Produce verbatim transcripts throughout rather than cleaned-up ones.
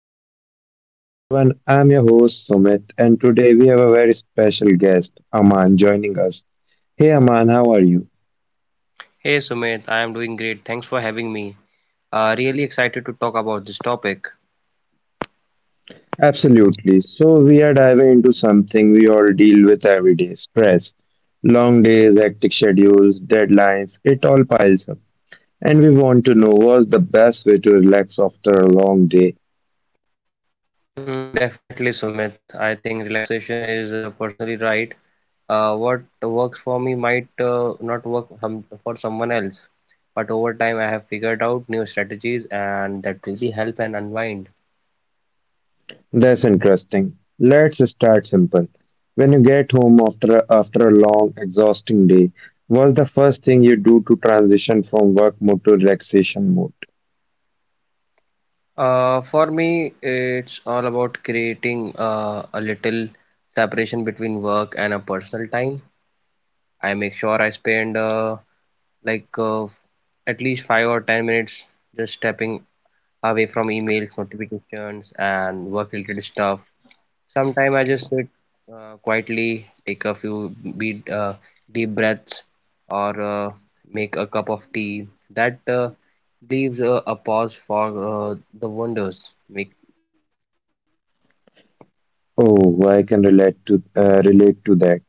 to Evening Unwind. Everyone, I'm your host Sumit, and today we have a very special guest, Aman, joining us. Hey Aman, how are you? Hey Sumit, I am doing great. Thanks for having me. Uh, really excited to talk about this topic. Absolutely. So, we are diving into something we all deal with every day stress. Long days, hectic schedules, deadlines, it all piles up. And we want to know what's the best way to relax after a long day. Mm, definitely, Sumit. I think relaxation is uh, personally right. Uh, what works for me might uh, not work hum- for someone else. But over time, I have figured out new strategies and that really help and unwind. That's interesting. Let's start simple. When you get home after after a long, exhausting day, what's the first thing you do to transition from work mode to relaxation mode? Uh, for me, it's all about creating uh, a little separation between work and a personal time. I make sure I spend uh, like uh, at least five or ten minutes just stepping away from emails, notifications, and work-related stuff. Sometimes I just sit uh, quietly, take a few beat, uh, deep breaths, or uh, make a cup of tea. That uh, leaves uh, a pause for uh, the wonders, making. Oh, I can relate to uh, relate to that.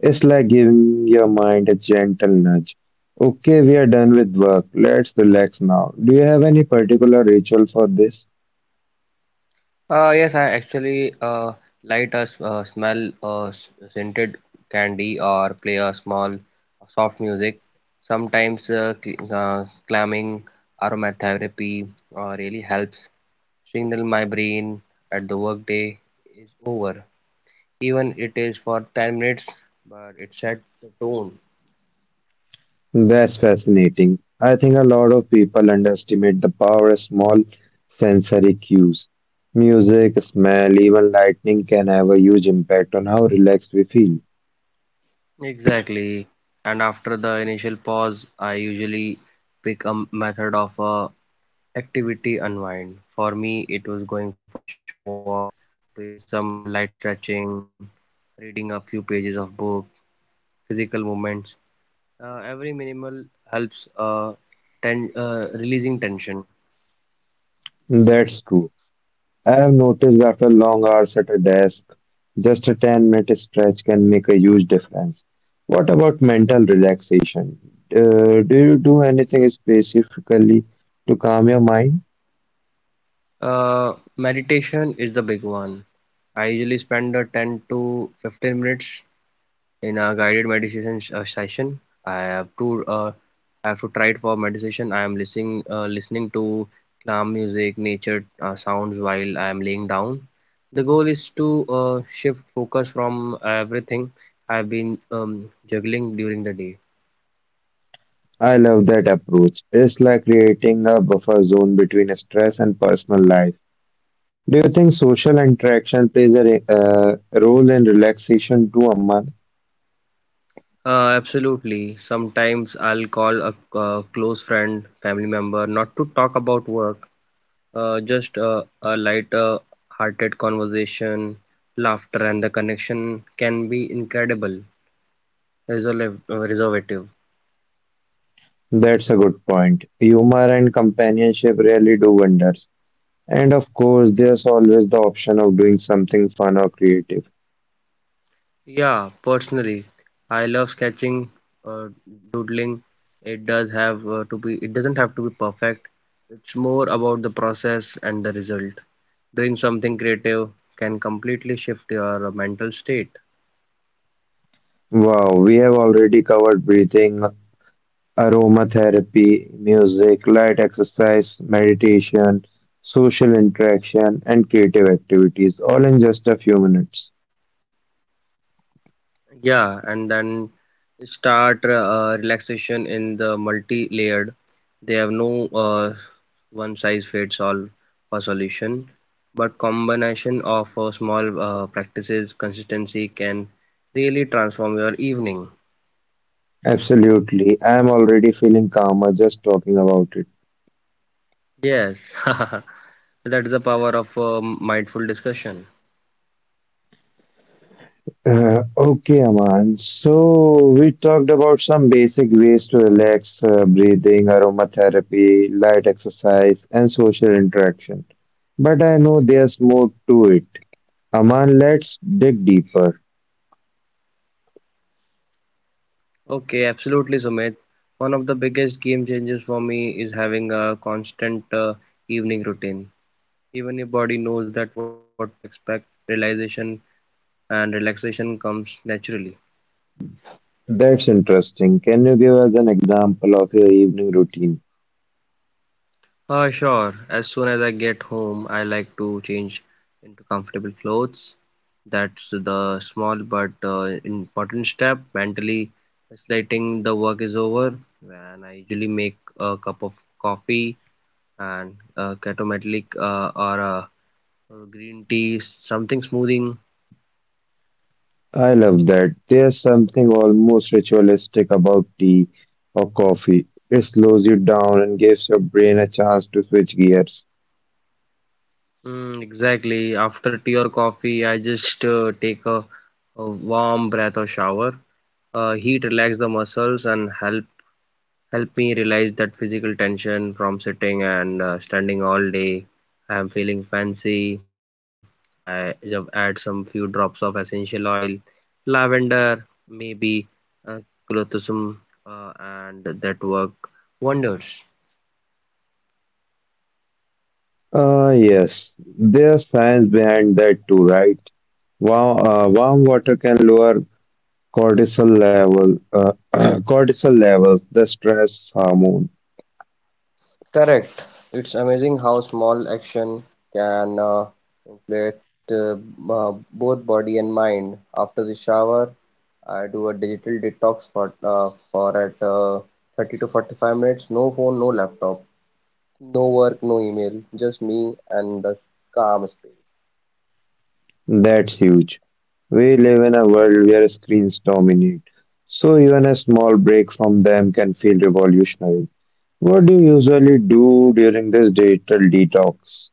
It's like giving your mind a gentle nudge. Okay, we are done with work. Let's relax now. Do you have any particular ritual for this? Uh, yes, I actually uh, light a s- uh, smell uh, s- scented candy or play a small uh, soft music. Sometimes uh, cl- uh, climbing aromatherapy uh, really helps signal my brain that the workday is over. Even it is for ten minutes, but it sets the tone. That's fascinating. I think a lot of people underestimate the power of small sensory cues. Music, smell, even lightning can have a huge impact on how relaxed we feel. Exactly. And after the initial pause, I usually pick a method of uh, activity unwind. For me, it was going for a short walk, doing some light stretching, reading a few pages of book, physical movements. Uh, every minimal helps uh, ten- uh, releasing tension. That's true. I have noticed after long hours at a desk, just a ten minute stretch can make a huge difference. What about mental relaxation? Uh, do you do anything specifically to calm your mind? Uh, meditation is the big one. I usually spend uh, ten to fifteen minutes in a guided meditation sh- uh, session. I have to uh, I have to try it for meditation. I am listening uh, listening to calm music, nature uh, sounds while I am laying down. The goal is to uh, shift focus from everything I've been um, juggling during the day. I love that approach. It's like creating a buffer zone between stress and personal life. Do you think social interaction plays a re- uh, role in relaxation too, Aman? Uh, absolutely. Sometimes I'll call a, uh close friend, family member, not to talk about work. Uh, just uh, a light uh, hearted conversation, laughter, and the connection can be incredible, resolve, uh, reservative. That's a good point. Humor and companionship really do wonders. And of course, there's always the option of doing something fun or creative. Yeah, personally, I love sketching, uh, doodling. It does have uh, to be. It doesn't have to be perfect. It's more about the process and the result. Doing something creative can completely shift your mental state. Wow, we have already covered breathing, aromatherapy, music, light exercise, meditation, social interaction, and creative activities, all in just a few minutes. Yeah, and then start uh, relaxation in the multi-layered. They have no uh, one size fits all for solution, but combination of uh, small uh, practices consistency can really transform your evening. Absolutely. I'm already feeling calmer just talking about it. Yes, that is the power of uh, mindful discussion. Uh, okay, Aman. So we talked about some basic ways to relax, uh, breathing, aromatherapy, light exercise, and social interaction. But I know there's more to it. Aman, let's dig deeper. Okay, absolutely, Sumit. One of the biggest game changes for me is having a constant uh, evening routine. Even if body knows that what to expect, realization and relaxation comes naturally. That's interesting. Can you give us an example of your evening routine? Ah, sure. As soon as I get home, I like to change into comfortable clothes. That's the small but uh, important step. Mentally, slating the work is over, and I usually make a cup of coffee and a uh, ketometlic uh, or a uh, green tea, something smoothing. I love that. There's something almost ritualistic about tea or coffee. It slows you down and gives your brain a chance to switch gears. Mm, exactly. After tea or coffee, I just uh, take a, a warm breath or shower. Uh, heat relax the muscles and help help me realize that physical tension from sitting and uh, standing all day. I'm feeling fancy. I ju- add some few drops of essential oil, lavender, maybe uh, clothosum, uh, and that work wonders. Ah, yes, there's science behind that too, right? Warm, uh, warm water can lower cortisol level, uh, cortisol levels, the stress hormone. Correct. It's amazing how small action can uh, inflate uh, uh, both body and mind. After the shower, I do a digital detox for uh, for at uh, thirty to forty-five minutes. No phone, no laptop, no work, no email. Just me and the calm space. That's huge. We live in a world where screens dominate, so even a small break from them can feel revolutionary. What do you usually do during this digital detox?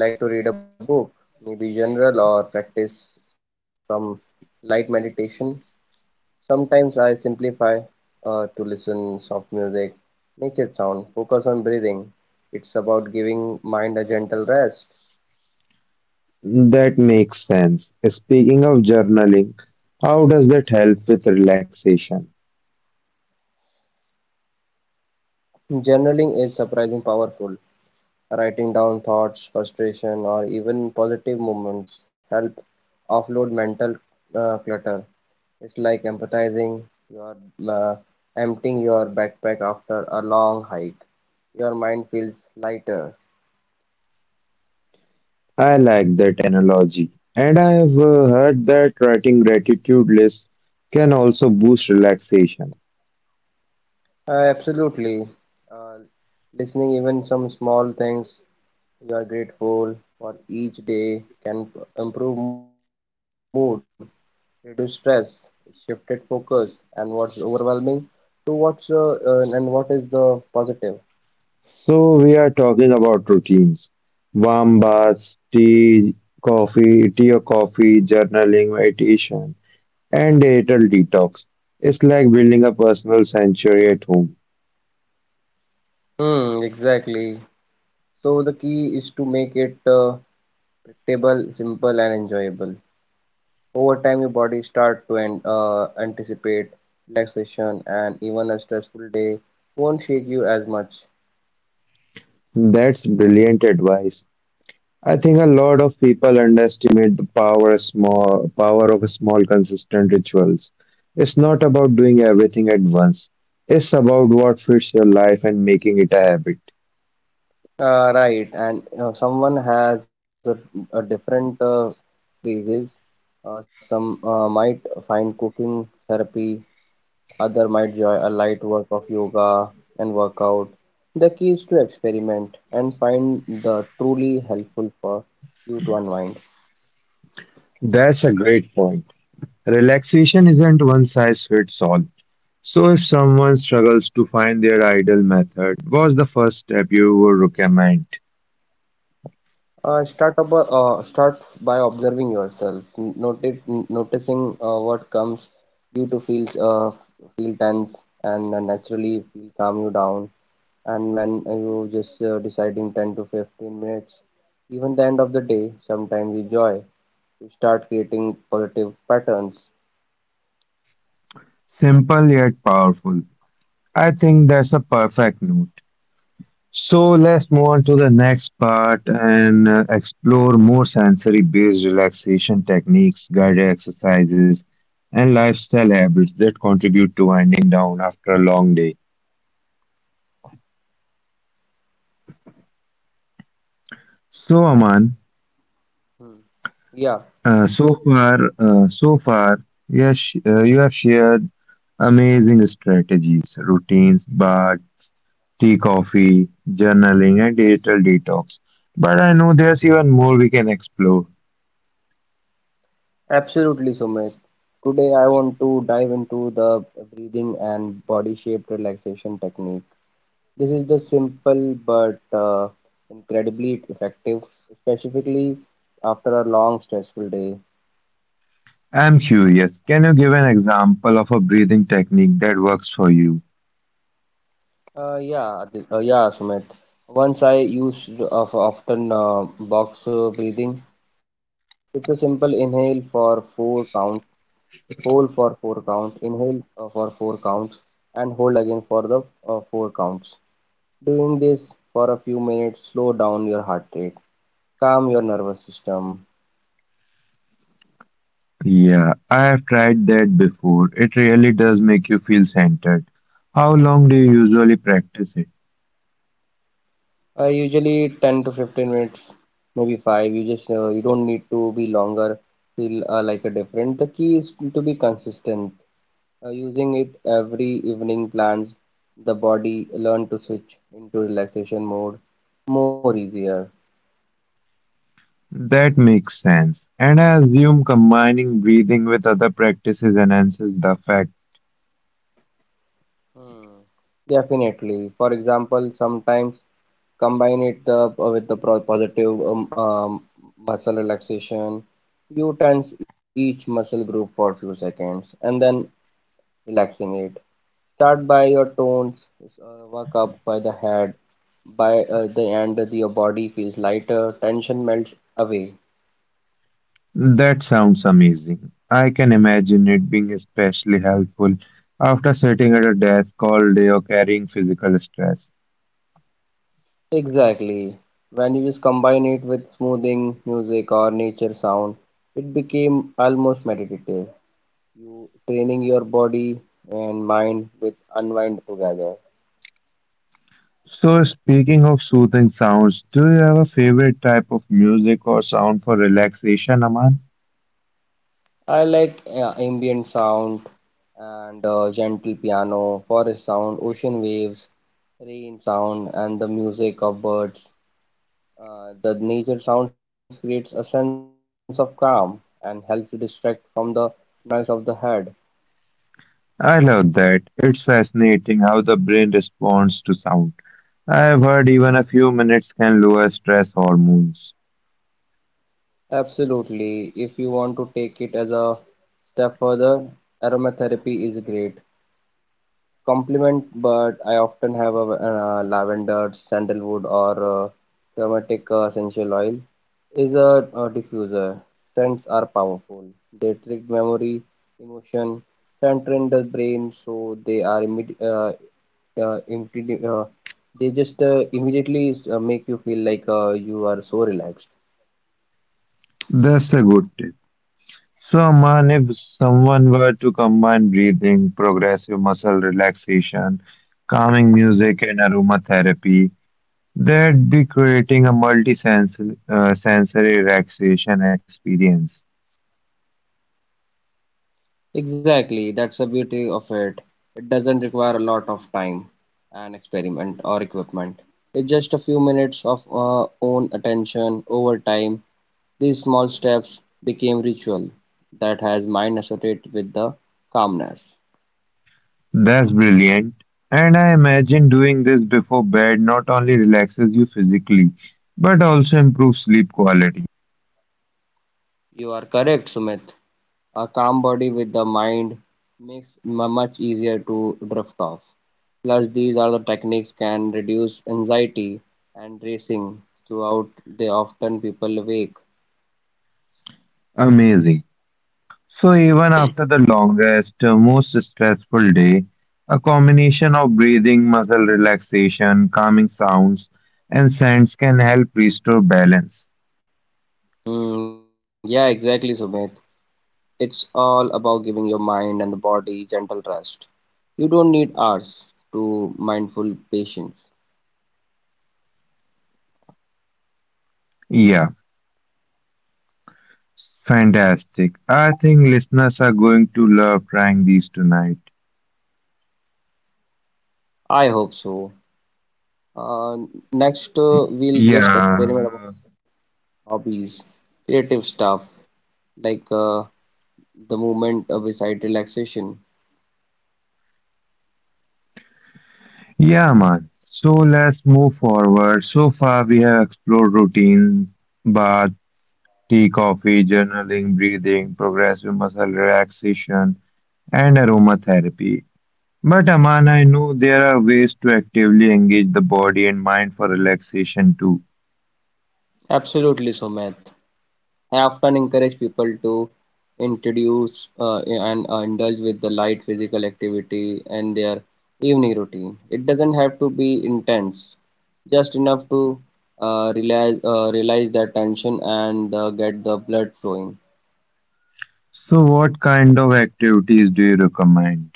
I like to read a book, maybe general or practice some light meditation. Sometimes I simplify uh, to listen soft music, nature sound, focus on breathing. It's about giving mind a gentle rest. That makes sense. Speaking of journaling, how does that help with relaxation? Journaling is surprisingly powerful. Writing down thoughts, frustration, or even positive moments help offload mental uh, clutter. It's like empathizing. You are uh, emptying your backpack after a long hike. Your mind feels lighter. I like that analogy. And I have uh, heard that writing gratitude lists can also boost relaxation. Uh, absolutely. Uh, Listening even some small things you are grateful for each day can p- improve mood, reduce stress, shifted focus, and what's overwhelming to what's uh, uh, and what is the positive. So we are talking about routines, warm baths, tea, coffee, tea or coffee, journaling, meditation, and digital detox. It's like building a personal sanctuary at home. Hmm, exactly. So the key is to make it uh, predictable, simple, and enjoyable. Over time, your body start to an- uh, anticipate relaxation, and even a stressful day won't shake you as much. That's brilliant advice. I think a lot of people underestimate the power small power of small consistent rituals. It's not about doing everything at once. It's about what fits your life and making it a habit. Uh, right, and uh, someone has a, a different uh, phases. Uh, some uh, might find cooking therapy, other might join a light work of yoga and workout. The key is to experiment and find the truly helpful for you to unwind. That's a great point. Relaxation isn't one size fits all. So, if someone struggles to find their ideal method, what's the first step you would recommend? Uh, start up, a- uh, start by observing yourself, N- notice, n- noticing uh, what comes you to feel uh, feel tense and uh, naturally feel calm you down, and when you just uh, deciding ten to fifteen minutes even the end of the day. Sometimes we joy, we start creating positive patterns. Simple yet powerful. I think that's a perfect note. So, let's move on to the next part and uh, explore more sensory based relaxation techniques, guided exercises, and lifestyle habits that contribute to winding down after a long day. So, Aman, Hmm. Yeah, Uh, so far, uh, so far, yes, uh, you have shared amazing strategies, routines, bar, tea, coffee, journaling, and digital detox. But I know there's even more we can explore. absolutely, Sumit. Today I want to dive into the breathing and body shaped relaxation technique. This is the simple but uh, incredibly effective, specifically after a long stressful day. I'm curious. Can you give an example of a breathing technique that works for you? Uh, yeah, Adil- uh, yeah, Sumit. Once I used of often uh, box uh, breathing. It's a simple inhale for four count, hold for four count, inhale uh, for four counts, and hold again for the uh, four counts. Doing this for a few minutes, slow down your heart rate, calm your nervous system. Yeah, I have tried that before. It really does make you feel centered. How long do you usually practice it? Uh, usually ten to fifteen minutes, maybe five. You just uh, you don't need to be longer. Feel uh, like a different. The key is to be consistent. Uh, using it every evening plans the body learn to switch into relaxation mode more easier. That makes sense. And I assume combining breathing with other practices enhances the effect. Hmm. Definitely. For example, sometimes combine it the, with the pro positive um, um, muscle relaxation. You tense each muscle group for a few seconds and then relaxing it. Start by your tones, uh, work up by the head. By uh, the end, your body feels lighter, tension melts away. That sounds amazing. I can imagine it being especially helpful after sitting at a desk all day or carrying physical stress. Exactly. When you just combine it with smoothing music or nature sound, it became almost meditative. You training your body and mind with unwind together. So, speaking of soothing sounds, do you have a favorite type of music or sound for relaxation, Aman? I like uh, ambient sound and uh, gentle piano, forest sound, ocean waves, rain sound, and the music of birds. Uh, the nature sounds creates a sense of calm and helps you distract from the noise of the head. I love that. It's fascinating how the brain responds to sound. I've heard even a few minutes can lower stress hormones. Absolutely. If you want to take it as a step further, aromatherapy is great. Complement, but I often have a, uh lavender, sandalwood, or uh, aromatic uh, essential oil is a, a diffuser. Scents are powerful. They trigger memory, emotion, center in the brain, so they are immedi uh, uh, immedi- uh, they just uh, immediately uh, make you feel like uh, you are so relaxed. That's a good tip. So, Aman, if someone were to combine breathing, progressive muscle relaxation, calming music, and aromatherapy, they'd be creating a multi-sensory uh, sensory relaxation experience. Exactly, that's the beauty of it. It doesn't require a lot of time, and experiment, or equipment. It's just a few minutes of our own attention over time. These small steps became ritual that has mind associated with the calmness. That's brilliant. And I imagine doing this before bed not only relaxes you physically, but also improves sleep quality. You are correct, Sumit. A calm body with the mind makes mu- much easier to drift off. Plus, these are the techniques can reduce anxiety and racing throughout. They often people awake. Amazing. So even after the longest, uh, most stressful day, a combination of breathing, muscle relaxation, calming sounds, and scents can help restore balance. Mm, yeah, exactly, Sumit. It's all about giving your mind and the body gentle rest. You don't need hours to mindful patience. Yeah, fantastic. I think listeners are going to love trying these tonight. I hope so. Uh, Next, uh, we'll just Yeah. experiment about hobbies, creative stuff like uh, the movement uh, beside relaxation. Yeah, man. So let's move forward. So far, we have explored routines, bath, tea, coffee, journaling, breathing, progressive muscle relaxation, and aromatherapy. But Aman, I know there are ways to actively engage the body and mind for relaxation too. Absolutely, Sumit. I often encourage people to introduce uh, and uh, indulge with the light physical activity and their evening routine. It doesn't have to be intense, just enough to uh, realize uh, realize the tension and uh, get the blood flowing. So, what kind of activities do you recommend?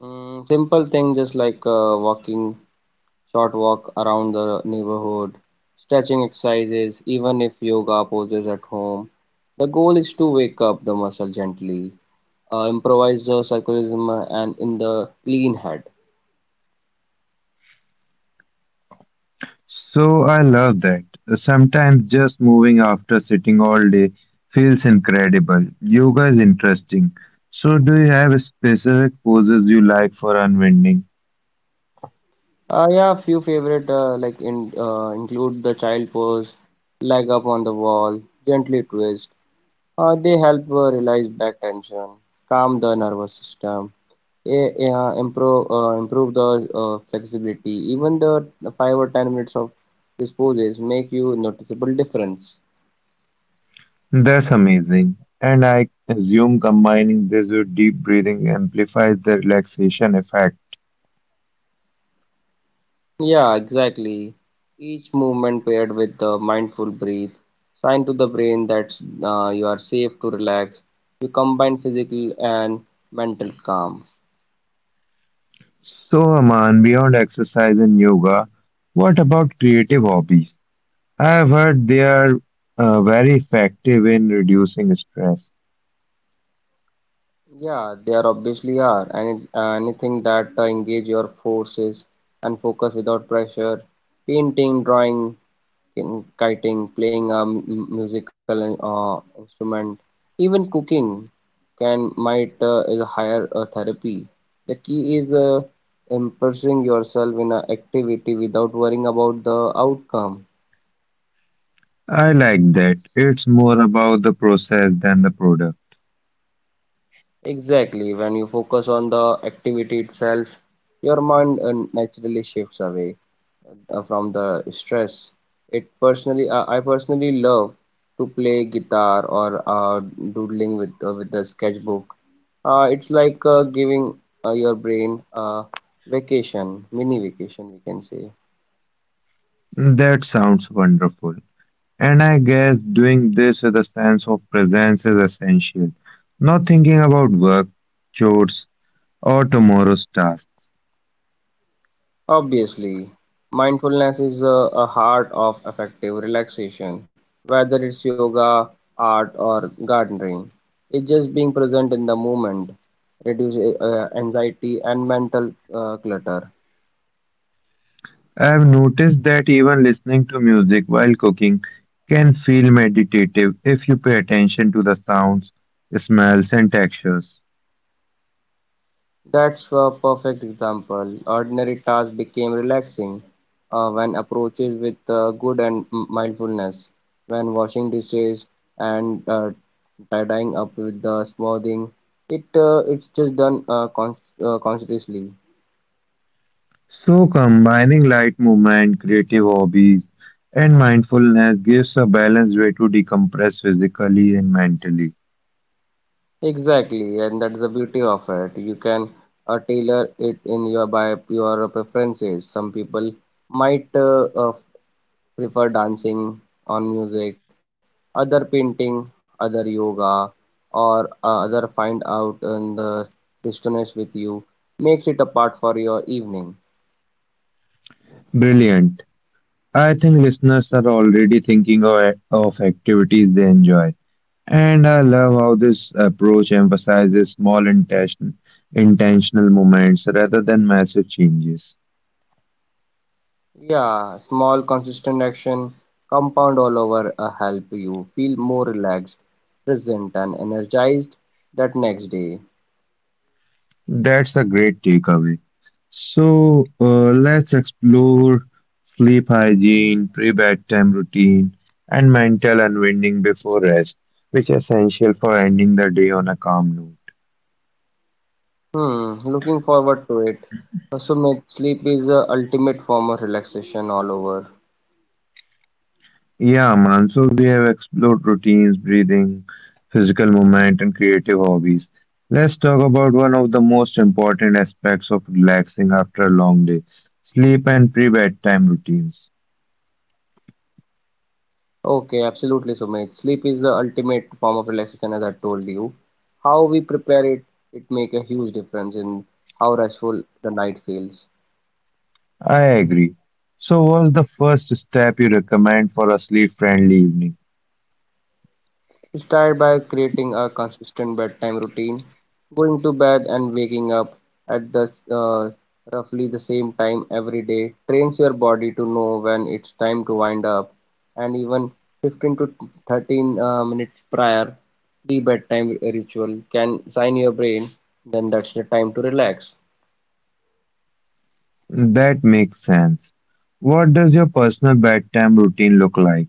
Mm, simple things just like uh, walking, short walk around the neighborhood, stretching exercises, even if yoga poses at home. The goal is to wake up the muscle gently uh, improvised uh, circularism uh, and in the clean head. So, I love that. Sometimes just moving after sitting all day feels incredible. Yoga is interesting. So, do you have specific poses you like for unwinding? Uh, yeah, few favorite uh, like in, uh, include the child pose, leg up on the wall, gently twist. Uh, they help uh, release back tension, calm the nervous system, eh, eh, uh, improve uh, improve the uh, flexibility. Even the five or ten minutes of these poses make you noticeable difference. That's amazing. And I assume combining this with deep breathing amplifies the relaxation effect. Yeah, exactly. Each movement paired with the mindful breathe, sign to the brain that uh, you are safe to relax. You combine physical and mental calm. So, Aman, beyond exercise and yoga, what about creative hobbies? I have heard they are uh, very effective in reducing stress. Yeah, they are obviously are. Any, anything that uh, engage your forces and focus without pressure. Painting, drawing, kin- kiting, playing a m- musical uh, instrument, even cooking can might uh, is a higher uh, therapy. The key is uh, immersing yourself in an activity without worrying about the outcome. I like that. It's more about the process than the product. Exactly, when you focus on the activity itself, your mind uh, naturally shifts away uh, from the stress. It personally, uh, I personally love to play guitar or uh, doodling with uh, with the sketchbook. Uh, it's like uh, giving uh, your brain a vacation, mini vacation, we can say. That sounds wonderful. And I guess doing this with a sense of presence is essential. Not thinking about work, chores, or tomorrow's task. Obviously, mindfulness is a, a heart of effective relaxation, whether it's yoga, art, or gardening. It's just being present in the moment, reduce uh, anxiety and mental uh, clutter. I've noticed that even listening to music while cooking can feel meditative if you pay attention to the sounds, smells, and textures. That's a perfect example. Ordinary tasks became relaxing uh, when approaches with uh, good and m- mindfulness. When washing dishes and uh, tidying up with the smoothing, it uh, it's just done uh, con- uh, consciously. So, combining light movement, creative hobbies, and mindfulness gives a balanced way to decompress physically and mentally. Exactly, and that's the beauty of it. You can uh, tailor it in your by your preferences. Some people might uh, uh, prefer dancing on music, other painting, other yoga, or uh, other find out and the distance with you makes it a part for your evening. Brilliant. I think listeners are already thinking of of activities they enjoy. And I love how this approach emphasizes small intention, intentional moments rather than massive changes. Yeah, small consistent action compound all over uh, help you feel more relaxed, present, and energized that next day. That's a great takeaway. So uh, let's explore sleep hygiene, pre-bedtime routine, and mental unwinding before rest, which is essential for ending the day on a calm note. Hmm, looking forward to it. So, mate, sleep is the ultimate form of relaxation all over. Yeah, man. So we have explored routines, breathing, physical movement, and creative hobbies. Let's talk about one of the most important aspects of relaxing after a long day, sleep and pre-bedtime routines. Okay, absolutely, Sumit. Sleep is the ultimate form of relaxation, as I told you. How we prepare it, it make a huge difference in how restful the night feels. I agree. So what's the first step you recommend for a sleep-friendly evening? Start by creating a consistent bedtime routine, going to bed and waking up at the uh, roughly the same time every day trains your body to know when it's time to wind up, and even fifteen to thirteen uh, minutes prior the bedtime ritual can sign your brain then that's the time to relax. That makes sense. What does your personal bedtime routine look like?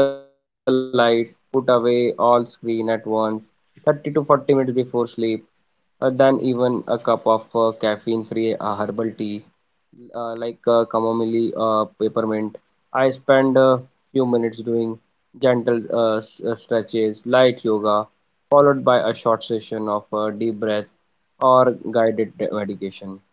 I usually dim the light, put away all screen at once thirty to forty minutes before sleep uh, than even a cup of uh, caffeine-free uh, herbal tea uh, like uh, chamomile, uh, peppermint. I spend a few minutes doing gentle uh, s- uh, stretches, light yoga, followed by a short session of uh, deep breath or guided meditation.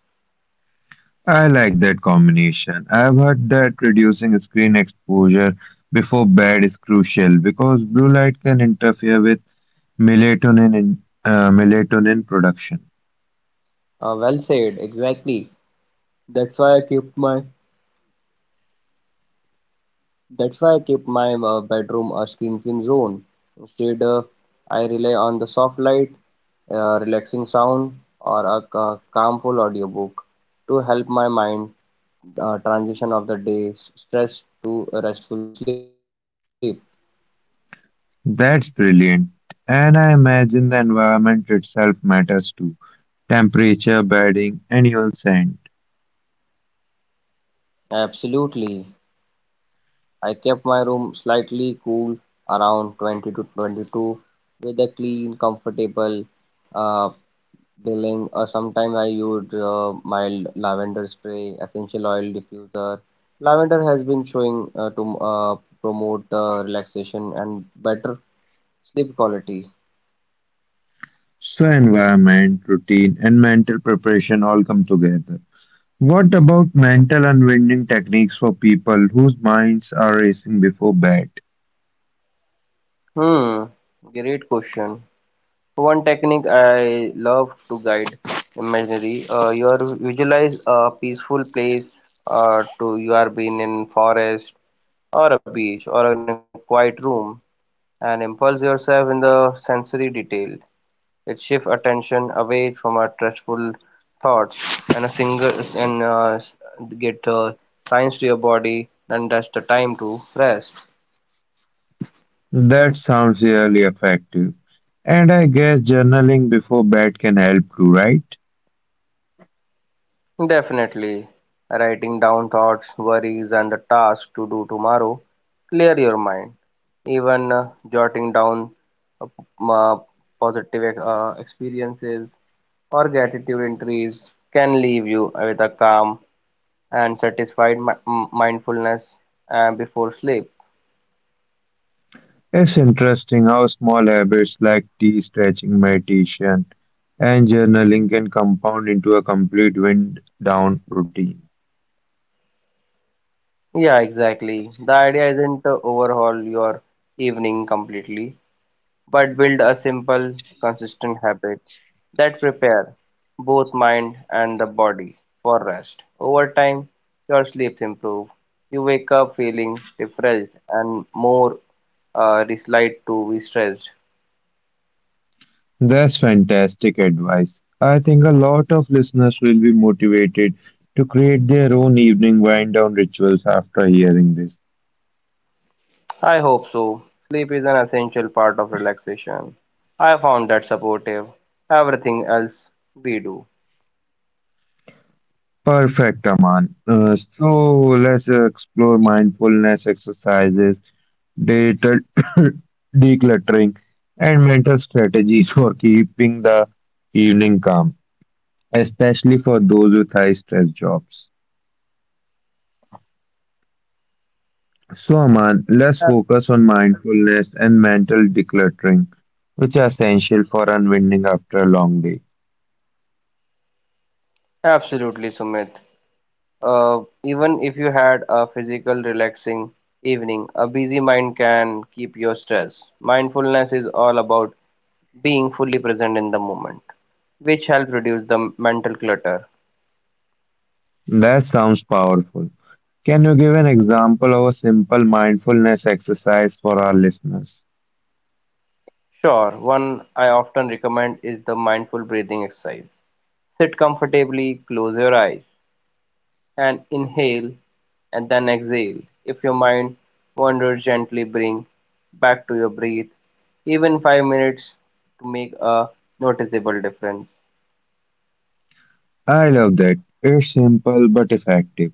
I like that combination. I've heard that reducing screen exposure before bed is crucial because blue light can interfere with melatonin in, uh, melatonin production. Uh, well said, exactly. That's why I keep my that's why I keep my uh, bedroom a screen-free zone. Instead, uh, I rely on the soft light a relaxing sound, or a calmful audiobook to help my mind uh, transition of the day's stress to restful sleep. That's brilliant. And I imagine the environment itself matters too. Temperature, bedding, and even scent. Absolutely. I kept my room slightly cool around twenty to twenty-two with a clean, comfortable uh, billing. Or sometimes I used uh, my lavender spray, essential oil diffuser. Lavender has been showing uh, to uh, promote uh, relaxation and better sleep quality. So environment, routine, and mental preparation all come together. What about mental unwinding techniques for people whose minds are racing before bed? Hmm, great question. One technique I love to guide imaginary. Uh, you are visualize a peaceful place. Uh, to you are being in forest or a beach or in a quiet room, and impulse yourself in the sensory detail. It shifts attention away from our stressful thoughts and a single and uh, s- get uh, signs to your body, and that's the time to rest. That sounds really effective. And I guess journaling before bed can help too, right? Definitely. Writing down thoughts, worries, and the tasks to do tomorrow clear your mind. Even uh, jotting down uh, p- uh, positive ex- uh, experiences or gratitude entries can leave you with a calm and satisfied mi- m- mindfulness uh, before sleep. It's interesting how small habits like tea, stretching, meditation, and journaling can compound into a complete wind down routine. Yeah, exactly. The idea isn't to overhaul your evening completely, but build a simple, consistent habit that prepare both mind and the body for rest. Over time, your sleeps improve. You wake up feeling refreshed and more uh, disliked to be stressed. That's fantastic advice. I think a lot of listeners will be motivated to create their own evening wind down rituals after hearing this. I hope so. Sleep is an essential part of relaxation. I found that supportive. Everything else we do. Perfect, Aman. Uh, so let's uh, explore mindfulness exercises, Digital decluttering, and mental strategies for keeping the evening calm, especially for those with high stress jobs. So, Aman, let's Ab- focus on mindfulness and mental decluttering, which are essential for unwinding after a long day. Absolutely, Sumit. Uh, even if you had a physical relaxing evening, a busy mind can keep your stress. Mindfulness is all about being fully present in the moment, which helps reduce the mental clutter. That sounds powerful. Can you give an example of a simple mindfulness exercise for our listeners? Sure, one I often recommend is the mindful breathing exercise. Sit comfortably, close your eyes, and inhale and then exhale. If your mind wanders, gently bring back to your breath, even five minutes to make a noticeable difference. I love that. It's simple but effective.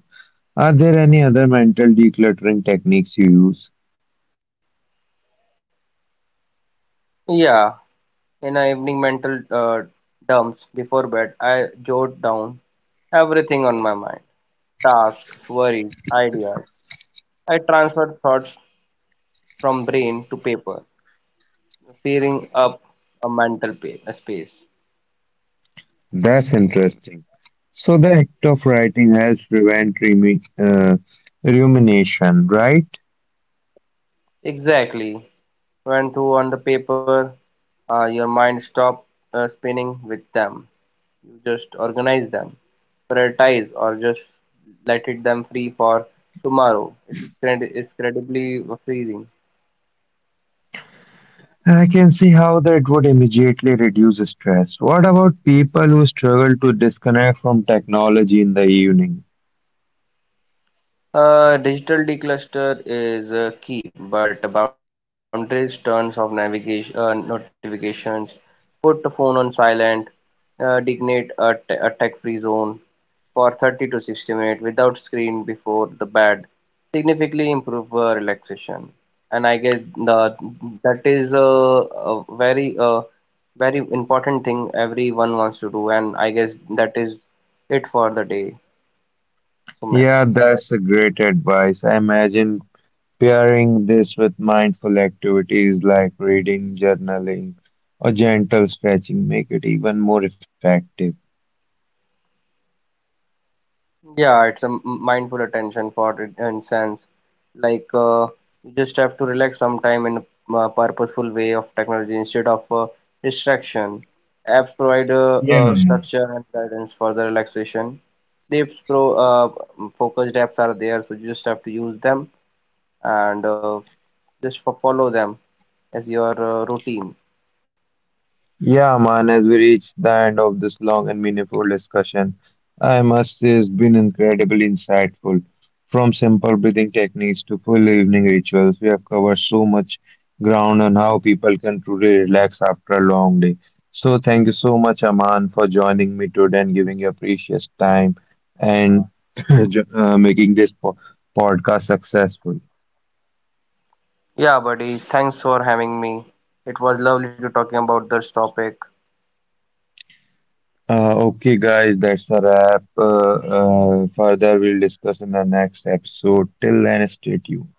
Are there any other mental decluttering techniques you use? Yeah, in our evening mental uh, dumps before bed, I jot down everything on my mind tasks, worries, ideas. I transfer thoughts from brain to paper, filling up a mental pa- space. That's interesting. So the act of writing helps prevent remi- uh, rumination, right? Exactly. When through on the paper, uh, your mind stop uh, spinning with them. You just organize them, prioritize, or just let it them free for tomorrow. It's cred- it's incredibly freezing. I can see how that would immediately reduce stress. What about people who struggle to disconnect from technology in the evening? Uh, digital decluster is uh, key, but the boundaries, turns off navigation, uh, notifications, put the phone on silent, uh, designate a, t- a tech-free zone, for thirty to sixty minutes without screen before the bed significantly improve uh, relaxation, and I guess the that is a, a very uh, very important thing everyone wants to do, and I guess that is it for the day, Sumit. Yeah, that's a great advice. I imagine pairing this with mindful activities like reading, journaling, or gentle stretching make it even more effective. Yeah, it's a m- mindful attention for it in sense. Like uh, you just have to relax sometime in a uh, purposeful way of technology instead of uh, distraction. Apps provide uh, Yeah, uh, man. structure and guidance for the relaxation. Sleeps pro uh, focused apps are there, so you just have to use them and uh, just fo- follow them as your uh, routine. Yeah, man, as we reach the end of this long and meaningful discussion, I must say it's been incredibly insightful. From simple breathing techniques to full evening rituals, we have covered so much ground on how people can truly relax after a long day. So, thank you so much, Aman, for joining me today and giving your precious time and jo- uh, making this po- podcast successful. Yeah, buddy. Thanks for having me. It was lovely to talking about this topic. Uh, okay, guys, that's a wrap. Uh, uh, further, we'll discuss in the next episode. Till then, stay tuned.